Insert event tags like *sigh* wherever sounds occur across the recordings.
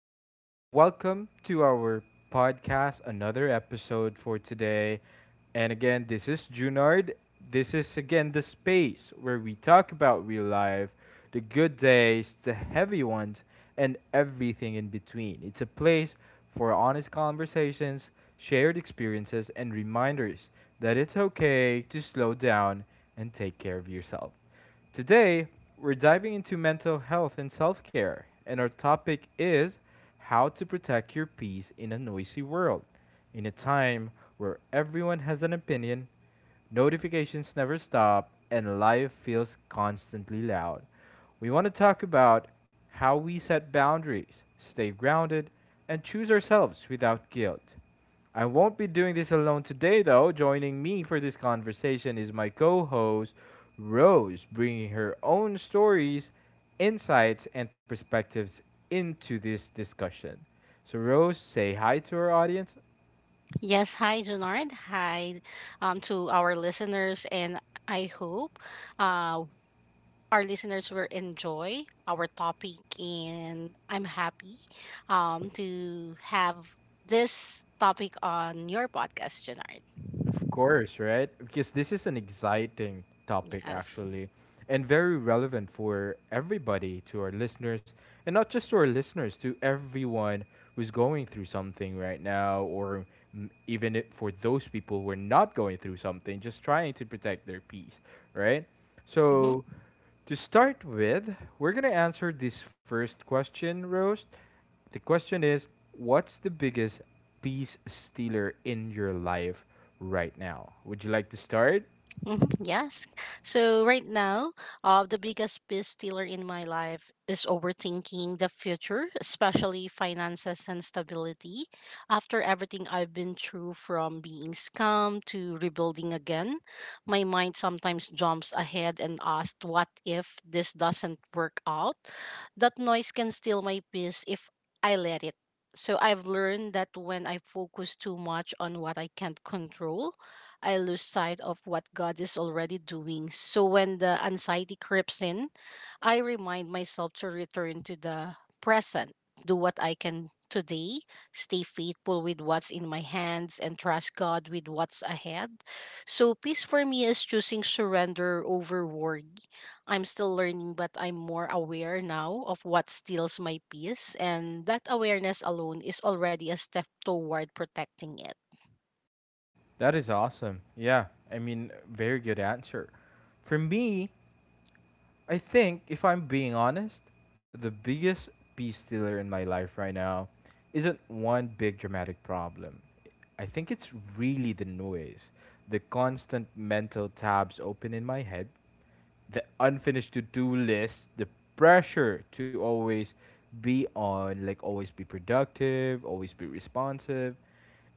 and welcome to our podcast, another episode for today. And again, this is Junard. This is again the space where we talk about real life, the good days, the heavy ones, and everything in between. It's a place for honest conversations, shared experiences, and reminders that it's okay to slow down and take care of yourself. Today, we're diving into mental health and self care, and our topic is how to protect your peace in a noisy world, in a time where everyone has an opinion. Notifications never stop, and life feels constantly loud. We want to talk about how we set boundaries, stay grounded, and choose ourselves without guilt. I won't be doing this alone today, though. Joining me for this conversation is my co host, Rose, bringing her own stories, insights, and perspectives into this discussion. So, Rose, say hi to our audience. Yes, hi, Junard. Hi to our listeners, and I hope uh, our listeners will enjoy our topic. And I'm happy to have this topic on your podcast, Junard. Of course, right? Because this is an exciting topic, Yes. actually, and very relevant for everybody, to our listeners, and not just to our listeners, to everyone who's going through something right now, or for those people who are not going through something, just trying to protect their peace, right? Mm-hmm. So, to start with, we're going to answer this first question, Rose. The question is, what's the biggest peace stealer in your life right now? Would you like to start? Yes. So right now, the biggest piece stealer in my life is overthinking the future, especially finances and stability. After everything I've been through, from being scammed to rebuilding again, my mind sometimes jumps ahead and asks, "What if this doesn't work out?" That noise can steal my peace if I let it. So I've learned that when I focus too much on what I can't control, I lose sight of what God is already doing. So when the anxiety creeps in, I remind myself to return to the present, do what I can today, stay faithful with what's in my hands, and trust God with what's ahead. So peace for me is choosing surrender over worry. I'm still learning, but I'm more aware now of what steals my peace, and that awareness alone is already a step toward protecting it. That is awesome. Yeah, I mean, very good answer. For me, I think, if I'm being honest, the biggest peace stealer in my life right now isn't one big dramatic problem. I think it's really the noise, the constant mental tabs open in my head, the unfinished to-do list, the pressure to always be on, like always be productive, always be responsive.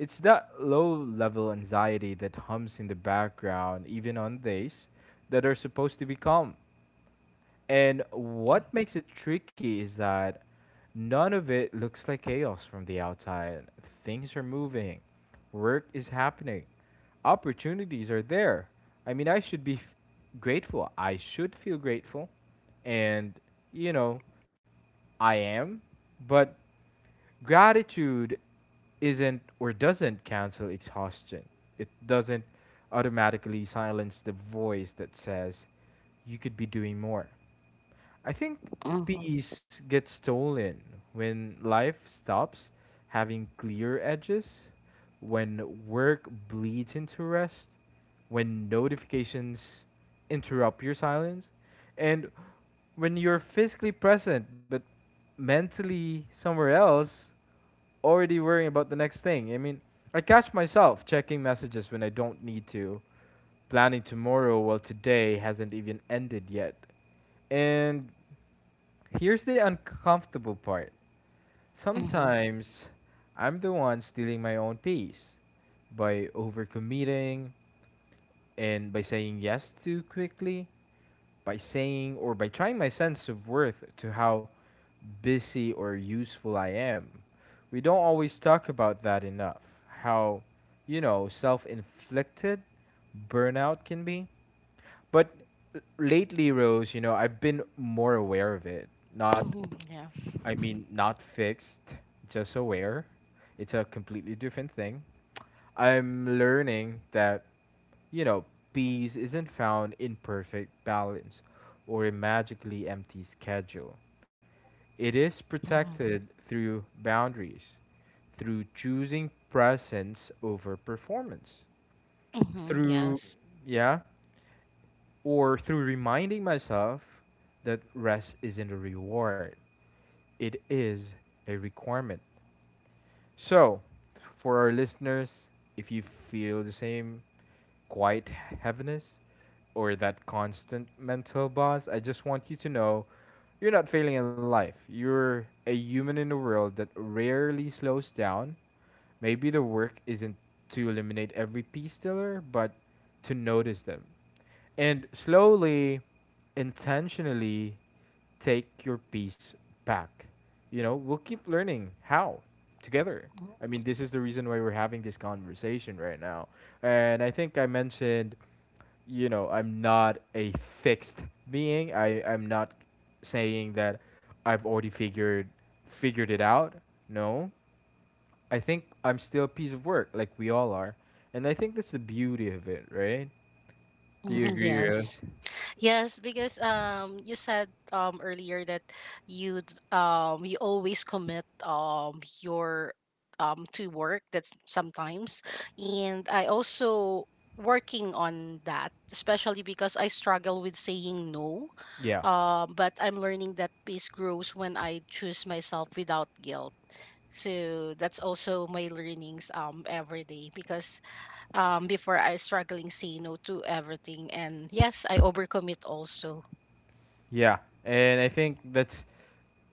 It's that low level anxiety that hums in the background, even on days that are supposed to be calm. And what makes it tricky is that none of it looks like chaos from the outside. Things are moving, work is happening, opportunities are there. I mean, I should be grateful. I should feel grateful. And, you know, I am. But gratitude isn't or doesn't cancel exhaustion, it doesn't automatically silence the voice that says, you could be doing more. I think Mm-hmm. peace gets stolen when life stops having clear edges, when work bleeds into rest, when notifications interrupt your silence, and when you're physically present but mentally somewhere else, already worrying about the next thing. I mean, I catch myself checking messages when I don't need to, planning tomorrow while today hasn't even ended yet. And here's the uncomfortable part. Mm-hmm. Sometimes I'm the one stealing my own peace by overcommitting and by saying yes too quickly, by saying or by trying my sense of worth to how busy or useful I am. We don't always talk about that enough. How, you know, self inflicted burnout can be. But lately, Rose, you know, I've been more aware of it. Not, Mm-hmm. Yes. I mean, not fixed, just aware. It's a completely different thing. I'm learning that, you know, peace isn't found in perfect balance or a magically empty schedule. It is Mm-hmm. Mm-hmm. Mm-hmm, mm-hmm, protected through boundaries, through choosing presence over performance, mm-hmm, through yes. yeah, or through reminding myself that rest isn't a reward. It is a requirement. So, for our listeners, if you feel the same quiet heaviness or that constant mental buzz, I just want you to know you're not failing in life. You're a human in a world that rarely slows down. Maybe the work isn't to eliminate every piece stealer, but to notice them. And slowly, intentionally, take your peace back. You know, we'll keep learning how together. Mm-hmm. I mean, this is the reason why we're having this conversation right now. And I think I mentioned, you know, I'm not a fixed being. I'm not saying that I've already figured it out. No. I think I'm still a piece of work like we all are. And I think that's the beauty of it, right? Do you Mm-hmm, agree, Rose? yes. Yes, because you said earlier that you you always commit your to work that's sometimes, and I also working on that, especially because I struggle with saying no. Yeah. But I'm learning that peace grows when I choose myself without guilt. So that's also my learnings every day, because before I struggling say no to everything. And yes, I overcommit also. Yeah, and I think that's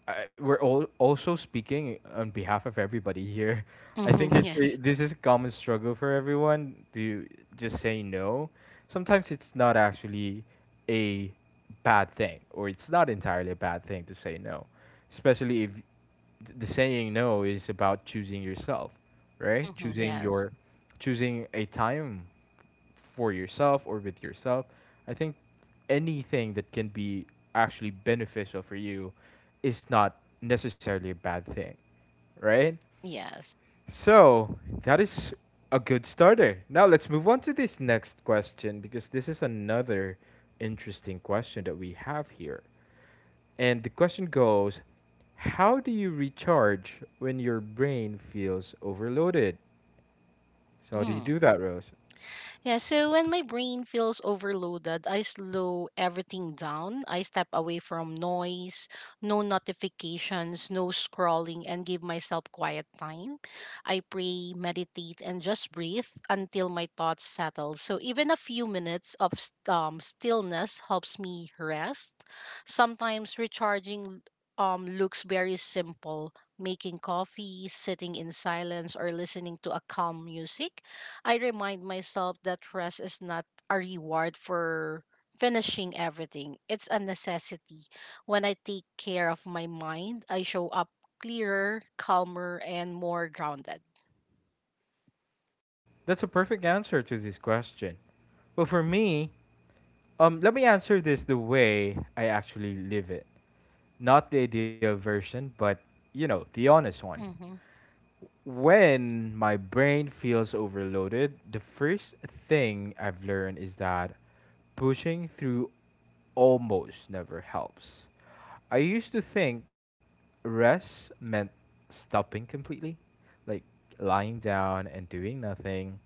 I we're all also speaking on behalf of everybody here. *laughs* *laughs* I think Yes. this is a common struggle for everyone to just say no. Sometimes it's not actually a bad thing, or it's not entirely a bad thing to say no, especially if the saying no is about choosing yourself, right? Yes. Choosing a time for yourself or with yourself. I think anything that can be actually beneficial for you is not necessarily a bad thing, right? Yes. So that is a good starter. Now let's move on to this next question because this is another interesting question that we have here. And the question goes, how do you recharge when your brain feels overloaded? So, how do you Mm. do that, Rose? Yeah, so when my brain feels overloaded, I slow everything down. I step away from noise, no notifications, no scrolling, and give myself quiet time. I pray, meditate, and just breathe until my thoughts settle. So even a few minutes of stillness helps me rest. Sometimes recharging looks very simple. Making coffee, sitting in silence, or listening to a calm music. I remind myself that rest is not a reward for finishing everything. It's a necessity. When I take care of my mind, I show up clearer, calmer, and more grounded. That's a perfect answer to this question. Well, for me, let me answer this the way I actually live it. Not the ideal version, but you know, the honest one. Mm-hmm. When my brain feels overloaded, the first thing I've learned is that pushing through almost never helps. I used to think rest meant stopping completely, like lying down and doing nothing.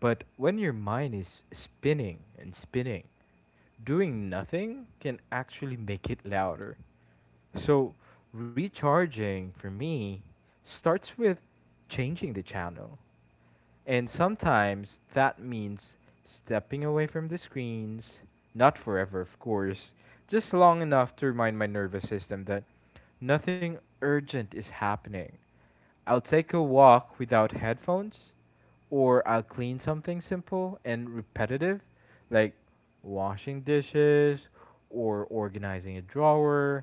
But when your mind is spinning and spinning, doing nothing can actually make it louder. So, recharging for me starts with changing the channel. And sometimes that means stepping away from the screens, not forever, of course, just long enough to remind my nervous system that nothing urgent is happening. I'll take a walk without headphones, or I'll clean something simple and repetitive, like washing dishes or organizing a drawer.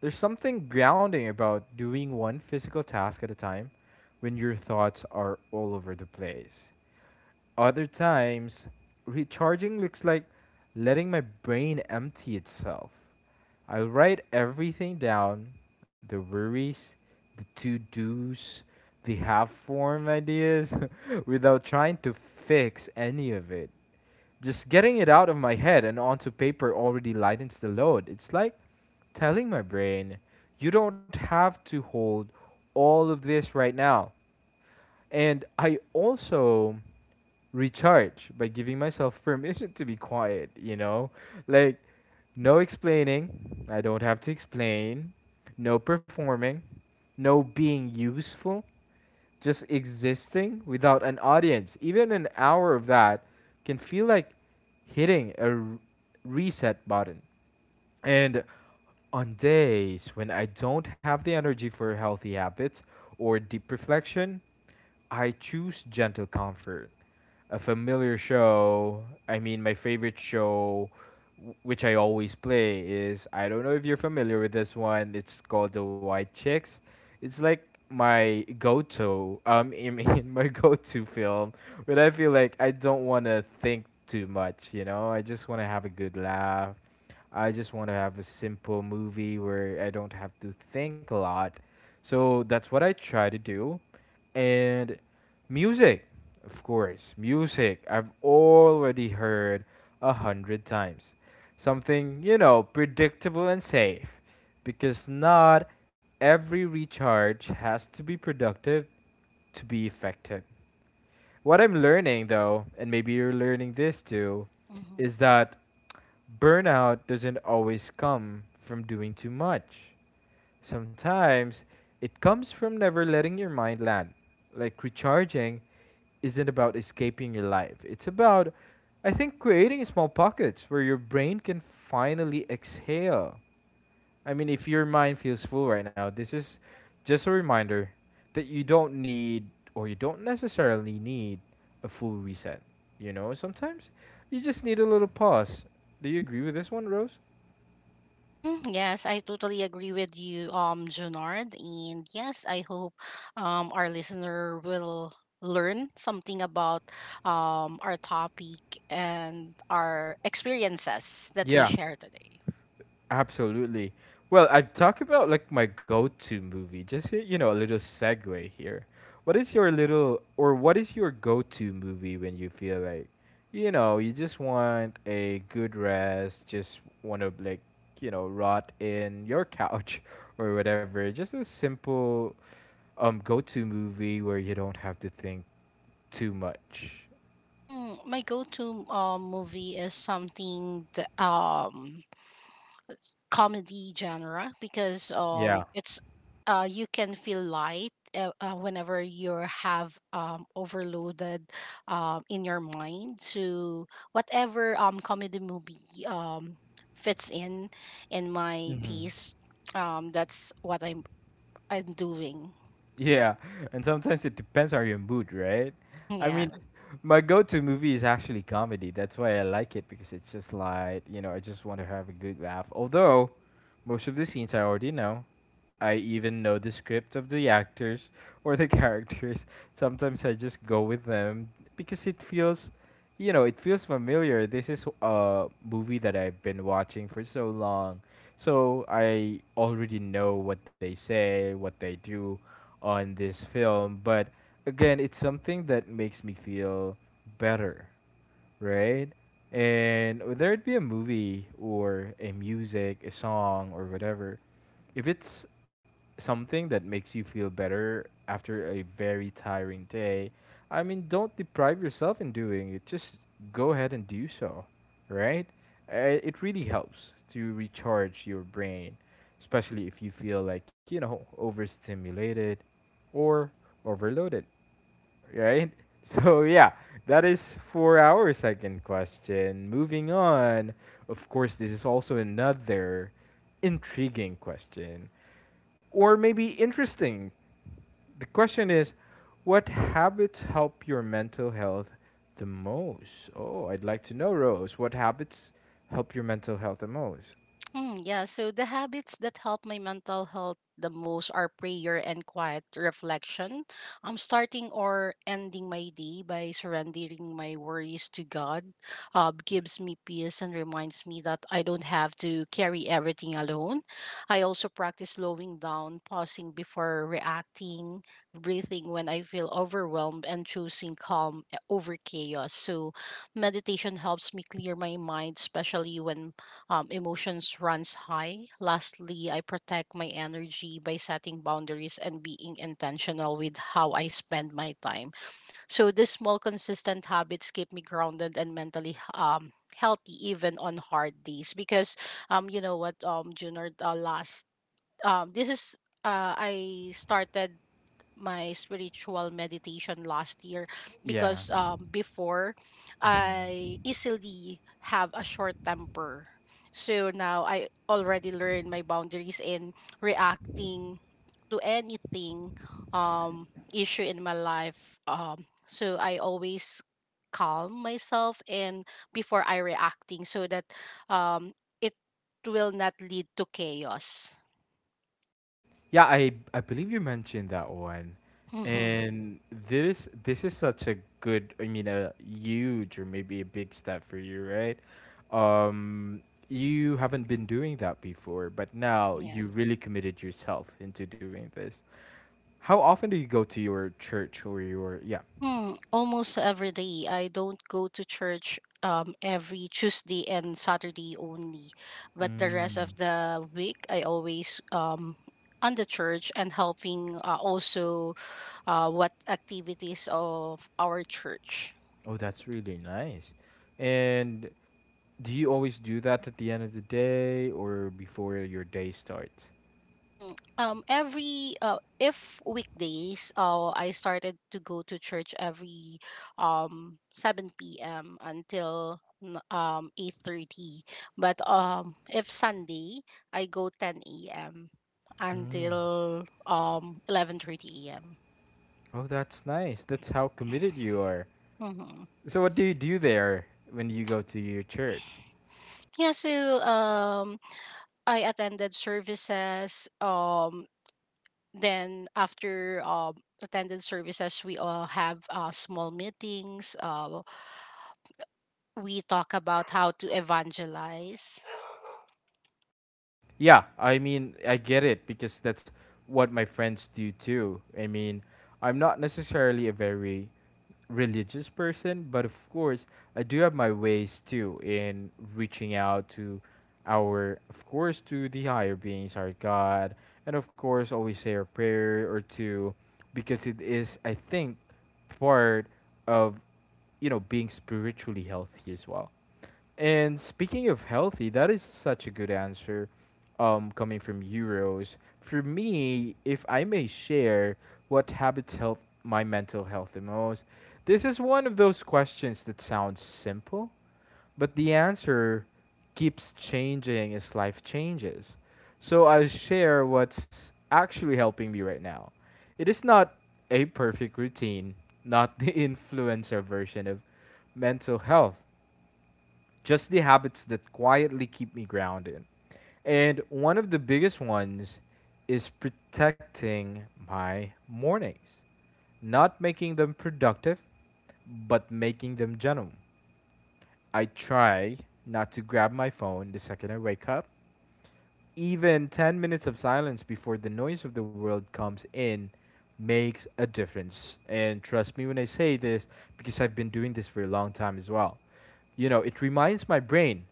There's something grounding about doing one physical task at a time when your thoughts are all over the place. Other times, recharging looks like letting my brain empty itself. I'll write everything down, the worries, the to dos, the half formed ideas, *laughs* without trying to fix any of it, just getting it out of my head and onto paper already lightens the load. It's like telling my brain, you don't have to hold all of this right now. And I also recharge by giving myself permission to be quiet, you know? Like, no explaining. I don't have to explain. No performing. No being useful, just existing without an audience, even an hour of that, can feel like hitting a reset button. And on days when I don't have the energy for healthy habits or deep reflection, I choose gentle comfort. A familiar show, I mean, my favorite show, which I always play, is, I don't know if you're familiar with this one. It's called The White Chicks. It's like my go-to, I mean, *laughs* my go-to film when I feel like I don't want to think too much, you know? I just want to have a good laugh. I just want to have a simple movie where I don't have to think a lot. So that's what I try to do. And music, of course, music I've already heard 100 times. Something, you know, predictable and safe. Because not every recharge has to be productive to be effective. What I'm learning though, and maybe you're learning this too, Mm-hmm. is that burnout doesn't always come from doing too much. Sometimes it comes from never letting your mind land. Like recharging isn't about escaping your life, it's about, I think, creating small pockets where your brain can finally exhale. I mean, if your mind feels full right now, this is just a reminder that you don't need or you don't necessarily need a full reset. You know, sometimes you just need a little pause. Do you agree with this one, Rose? Mm-hmm. Yes, I totally agree with you, Junard. And yes, I hope our listener will learn something about our topic and our experiences that we Yeah, share today. absolutely. Well, I've talked about like my go-to movie. Just you know, a little segue here. What is your little or what is your go-to movie when you feel like, you know, you just want a good rest, just want to like, you know, rot in your couch *laughs* or whatever. Just a simple go-to movie where you don't have to think too much. My go-to movie is something the comedy genre, because Yeah. it's you can feel light whenever you have overloaded in your mind. So whatever comedy movie um fits in my hmm taste, that's what I'm doing. Yeah, and sometimes it depends on your mood, right? I *laughs* Yeah. mean, my go-to movie is actually comedy. That's why I like it because it's just like, you know, I just want to have a good laugh. Although, most of the scenes I already know. I even know the script of the actors or the *laughs* characters. Sometimes I just go with them because it feels, you know, it feels familiar. This is a movie that I've been watching for so long. So I already know what they say, what they do on this film. But again, it's something that makes me feel better, right? And whether it be a movie or a music, a song, or whatever, if it's something that makes you feel better after a very tiring day, I mean, don't deprive yourself in doing it. Just go ahead and do so, right? It really helps to recharge your brain, especially if you feel like, you know, overstimulated or overloaded, right? *laughs* So yeah, that is for our second question. Moving on, of course, this is also another intriguing question, or maybe interesting. The question is, what habits help your mental health the most? Oh, I'd like to know, Rose. What habits help your mental health the most? Mm, yeah, so the habits that help my mental health the most are prayer and quiet reflection. I'm starting or ending my day by surrendering my worries to God. Gives me peace and reminds me that I don't have to carry everything alone. I also practice slowing down, pausing before reacting, breathing when I feel overwhelmed, and choosing calm over chaos. So meditation helps me clear my mind, especially when emotions runs high. Lastly, I protect my energy by setting boundaries and being intentional with how I spend my time. So these small, consistent habits keep me grounded and mentally healthy, even on hard days. Because you know what, Junior, last this is I started my spiritual meditation last year, because before I easily have a short temper. So now I already learned my boundaries in reacting to anything issue in my life. So I always calm myself, and before I reacting, so that um, it will not lead to chaos. Yeah, I believe you mentioned that one. *laughs* And this is such a good, I mean, a huge or maybe a big step for you, right? Um you haven't been doing that before, but now you Yes. really committed yourself into doing this. How often do you go to your church or your, yeah? Hmm, almost every day. I don't go to church every Tuesday and Saturday only, but the rest of Mm. the week I always on the church and helping also what activities of our church. Oh, that's really nice. And do you always do that at the end of the day or before your day starts? Every if weekdays, I started to go to church every 7 p.m. until 8:30. But if Sunday, I go 10 a.m. Mm. until 11:30 a.m. Oh, that's nice. That's how committed you are. Mm-hmm. So, what do you do there when you go to your church? Yeah, so I attended services, then after attended services we all have small meetings, we talk about how to evangelize. Yeah, I mean, I get it because that's what my friends do too. I mean, I'm not necessarily a very religious person, but of course, I do have my ways too in reaching out to our, of course, to the higher beings, our God, and of course, always say a prayer or two, because it is, I think, part of, you know, being spiritually healthy as well. And speaking of healthy, that is such a good answer coming from Euros. For me, if I may share what habits help my mental health the most, this is one of those questions that sounds simple, but the answer keeps changing as life changes. So I'll share what's actually helping me right now. It is not a perfect routine, not the *laughs* influencer version of mental health, just the habits that quietly keep me grounded. And one of the biggest ones is protecting my mornings, not making them productive, but making them gentle. I try not to grab my phone the second I wake up. Even 10 minutes of silence before the noise of the world comes in makes a difference. And trust me when I say this, because I've been doing this for a long time as well. You know, it reminds my brain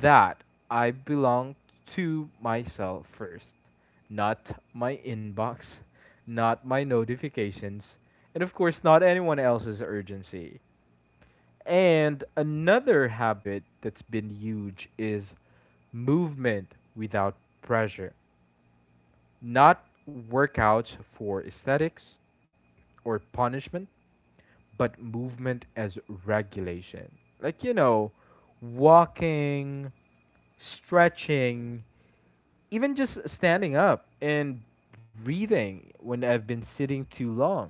that I belong to myself first, not my inbox, not my notifications, and of course, not anyone else's urgency. And another habit that's been huge is movement without pressure, not workouts for aesthetics or punishment, but movement as regulation. Like, you know, walking, stretching, even just standing up and breathing when I've been sitting too long.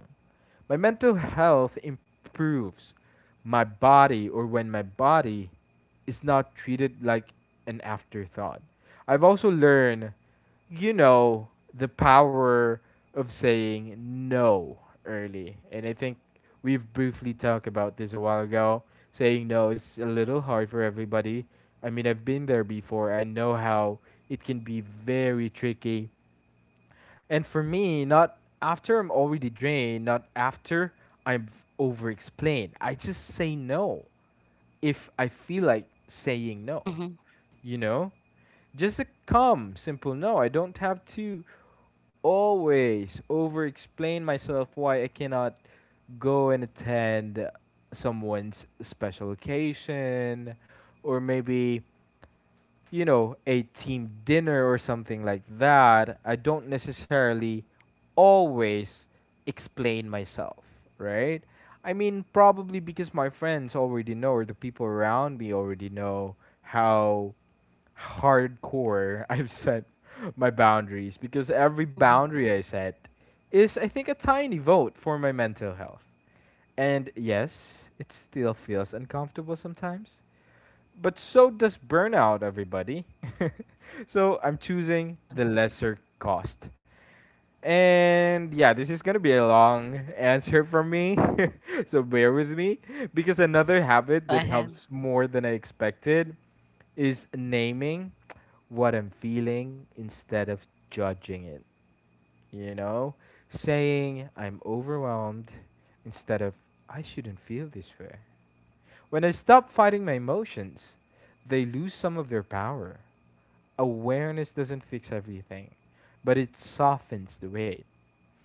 My mental health improves my body, or when my body is not treated like an afterthought. I've also learned, you know, the power of saying no early. And I think we've briefly talked about this a while ago. Saying no is a little hard for everybody. I mean, I've been there before. I know how it can be very tricky, and for me, not after I'm already drained, not after I'm over explained. I just say no if I feel like saying no, Mm-hmm, you know? Just a calm, simple no. I don't have to always over explain myself why I cannot go and attend someone's special occasion or maybe, you know, a team dinner or something like that. I don't necessarily always explain myself, right? I mean, probably because my friends already know, or the people around me already know how hardcore *laughs* I've set my boundaries. Because every mm-hmm. boundary I set is, I think, a tiny vote for my mental health. And yes, it still feels uncomfortable sometimes. But so does burnout, everybody. So I'm choosing the Yes. lesser cost. And yeah, this is gonna be a long answer from me, *laughs* so bear with me. Because another habit Go that ahead. helps more than I expected is naming what I'm feeling instead of judging it. You know, saying I'm overwhelmed instead of I shouldn't feel this way. When I stop fighting my emotions, they lose some of their power. Awareness doesn't fix everything, but it softens the weight.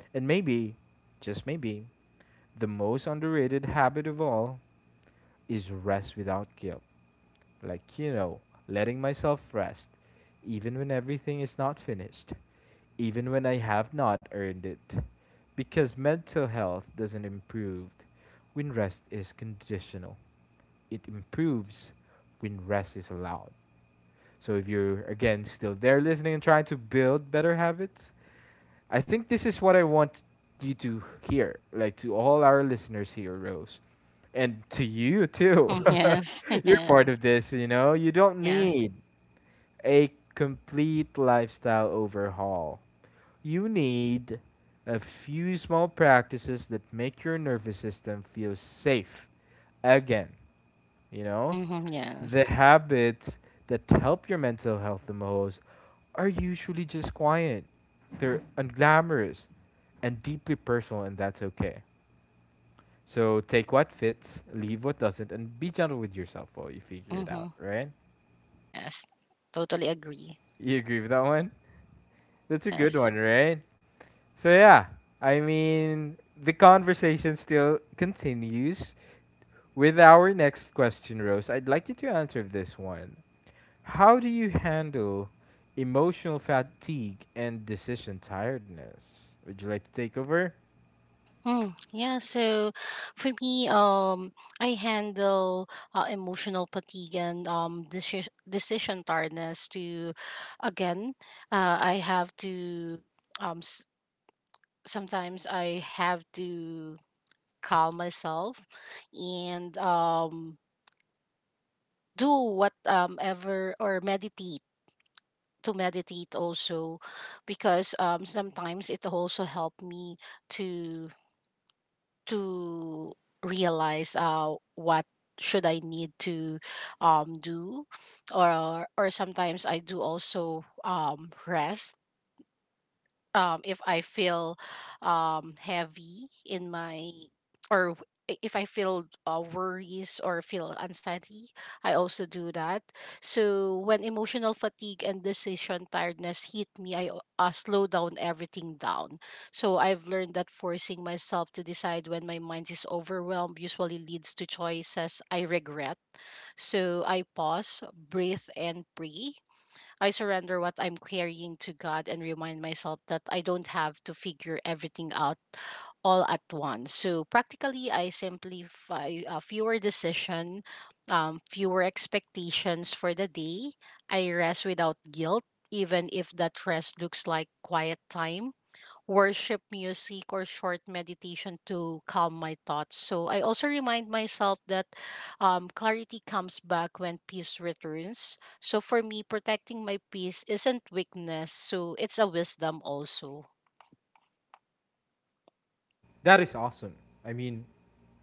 And maybe, just maybe, the most underrated habit of all is rest without guilt. Like, you know, letting myself rest, even when everything is not finished, even when I have not earned it. Because mental health doesn't improve when rest is conditional, it improves when rest is allowed. So if you're again still there listening and trying to build better habits, I think this is what I want you to hear, like to all our listeners here, Rose, and to you too. Mm-hmm, yes. *laughs* *laughs* You're part Yes. of this, you know. You don't Yes. need a complete lifestyle overhaul. You need a few small practices that make your nervous system feel safe again, you know? Mm-hmm, The yes. habits that help your mental health the most are usually just quiet. They're unglamorous and deeply personal, and that's okay. So take what fits, leave what doesn't, and be gentle with yourself while you figure it Mm-hmm, out, right? yes. Totally agree. You agree with that one? That's a good Yes. one, right? So, yeah, I mean, the conversation still continues with our next question, Rose. I'd like you to answer this one. How do you handle emotional fatigue and decision tiredness? Would you like to take over? Mm, yeah, so for me, I handle emotional fatigue and decision tiredness to, again, I have to, s- sometimes I have to calm myself, and do what ever or meditate to meditate also, because sometimes it also helped me to to realize what should I need to do. Or sometimes I do also rest if I feel heavy in my, if I feel worries or feel anxiety, I also do that. So when emotional fatigue and decision tiredness hit me, slow down everything down. So I've learned that forcing myself to decide when my mind is overwhelmed usually leads to choices I regret. So I pause, breathe, and pray. I surrender what I'm carrying to God and remind myself that I don't have to figure everything out all at once. So practically, I simplify, fewer decision, fewer expectations for the day. I rest without guilt, even if that rest looks like quiet time, worship music, or short meditation to calm my thoughts. So I also remind myself that clarity comes back when peace returns. So for me, protecting my peace isn't weakness, so it's a wisdom also. That is awesome. I mean,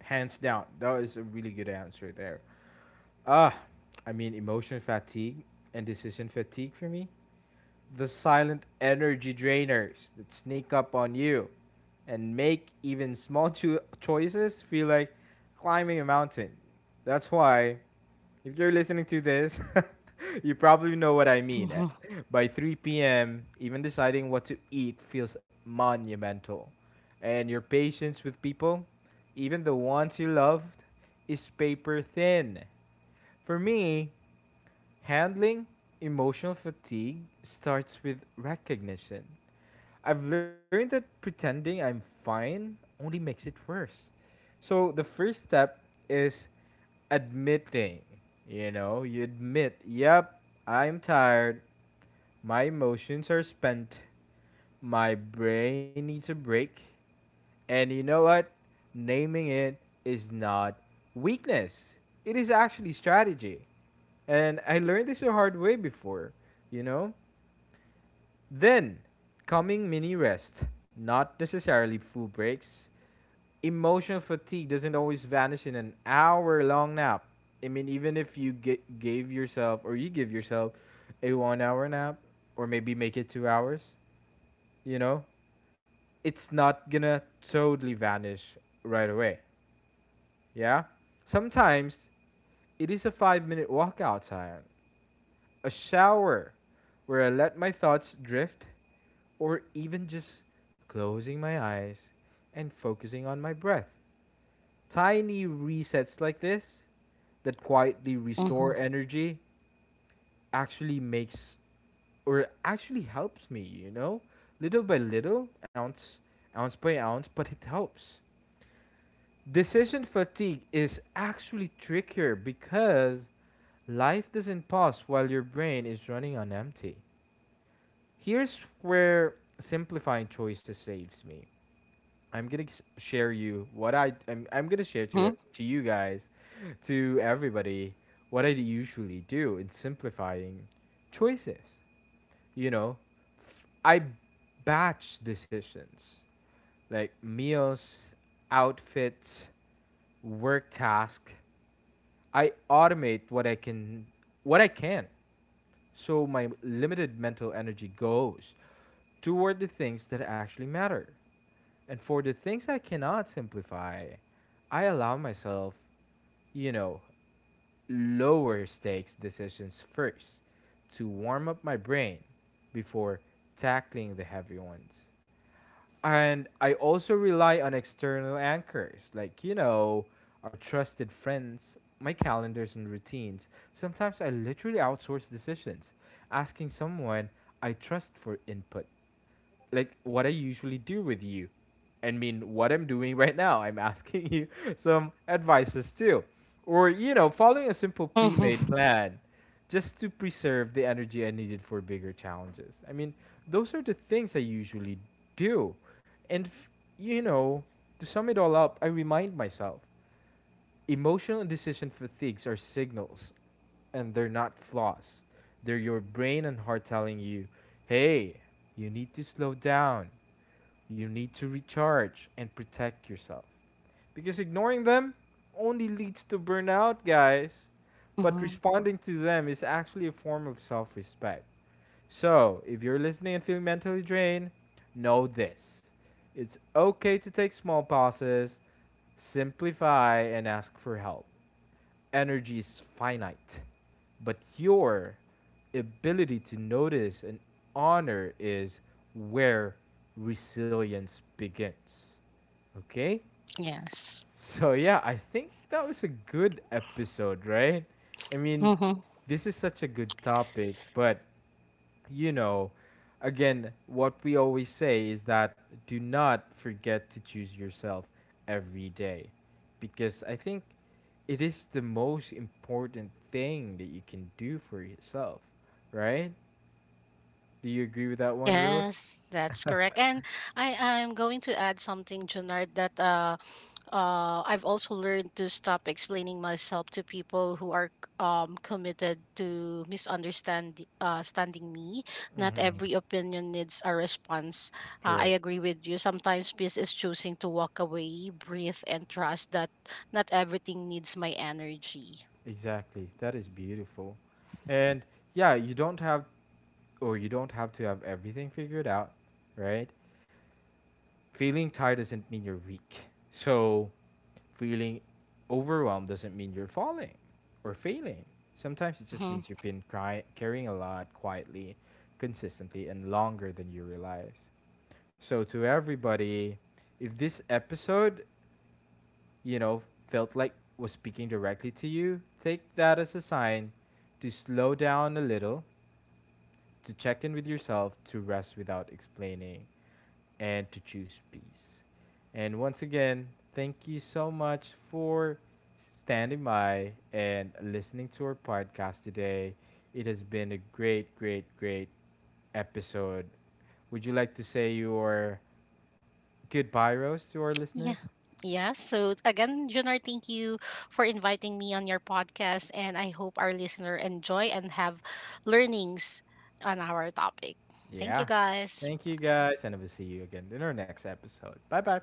hands down, that is a really good answer there. Ah, I mean, emotional fatigue and decision fatigue for me. The silent energy drainers that sneak up on you and make even small choices feel like climbing a mountain. That's why, if you're listening to this, *laughs* you probably know what I mean. Mm-hmm, By 3 p.m., even deciding what to eat feels monumental. And your patience with people, even the ones you loved, is paper thin. For me, handling emotional fatigue starts with recognition. I've learned that pretending I'm fine only makes it worse. So the first step is admitting. You know, you admit, yep, I'm tired. My emotions are spent. My brain needs a break. And you know what? Naming it is not weakness, it is actually strategy. And I learned this the hard way before, you know? Then, coming mini rest, not necessarily full breaks. Emotional fatigue doesn't always vanish in an hour long nap. I mean, even if you get, gave yourself or you give yourself a 1 hour nap or maybe make it 2 hours, you know, it's not gonna totally vanish right away. Yeah? Sometimes it is a 5 minute walk outside, a shower where I let my thoughts drift, or even just closing my eyes and focusing on my breath. Tiny resets like this that quietly mm-hmm, restore energy actually makes, or actually helps me, you know? Little by little, ounce by ounce, but it helps. Decision fatigue is actually trickier because life doesn't pause while your brain is running on empty. Here's where simplifying choices saves me. I'm gonna s- share you what I I'm gonna share to mm-hmm, it to you guys *laughs* to everybody what I usually do in simplifying choices. You know, I batch decisions like meals, outfits, work task. I automate what I can, so my limited mental energy goes toward the things that actually matter. And for the things I cannot simplify, I allow myself, you know, lower stakes decisions first to warm up my brain before tackling the heavy ones. And I also rely on external anchors, like, you know, our trusted friends, my calendars, and routines. Sometimes I literally outsource decisions, asking someone I trust for input, like what I usually do with you. I mean, what I'm doing right now, I'm asking you *laughs* some advices too. Or, you know, following a simple pre mm-hmm, made plan just to preserve the energy I needed for bigger challenges. I mean, those are the things I usually do. And, you know, to sum it all up, I remind myself emotional and decision fatigues are signals, and they're not flaws. They're your brain and heart telling you, hey, you need to slow down. You need to recharge and protect yourself. Because ignoring them only leads to burnout, guys. But mm-hmm. responding to them is actually a form of self respect. So, if you're listening and feeling mentally drained, know this, it's okay to take small pauses, simplify, and ask for help. Energy is finite, but your ability to notice and honor is where resilience begins. Okay? Yes. So, yeah, I think that was a good episode, right? I mean, Mm-hmm. this is such a good topic, but you know, again, what we always say is that do not forget to choose yourself every day, because I think it is the most important thing that you can do for yourself, right? Do you agree with that one, Rose? Yes, that's correct. And I am going to add something, Junard, that I've also learned to stop explaining myself to people who are committed to misunderstand standing me. Not every opinion needs a response. I Correct. agree with you. Sometimes peace is choosing to walk away, breathe, and trust that not everything needs my energy. Exactly. That is beautiful. And yeah, you don't have to have everything figured out, right? Feeling tired doesn't mean you're weak. So feeling overwhelmed doesn't mean you're falling or failing. Sometimes it just Mhm. means you've been carrying a lot quietly, consistently, and longer than you realize. So, to everybody, if this episode, you know, felt like was speaking directly to you, take that as a sign to slow down a little, to check in with yourself, to rest without explaining, and to choose peace. And once again, thank you so much for standing by and listening to our podcast today. It has been a great, great, great episode. Would you like to say your goodbye, Rose, to our Yeah. listeners? Yeah. So again, Junar, thank you for inviting me on your podcast. And I hope our listener enjoy and have learnings on our topic. Thank you Yeah. guys. Thank you Bye. guys, and we'll see you again in our next episode. Bye bye.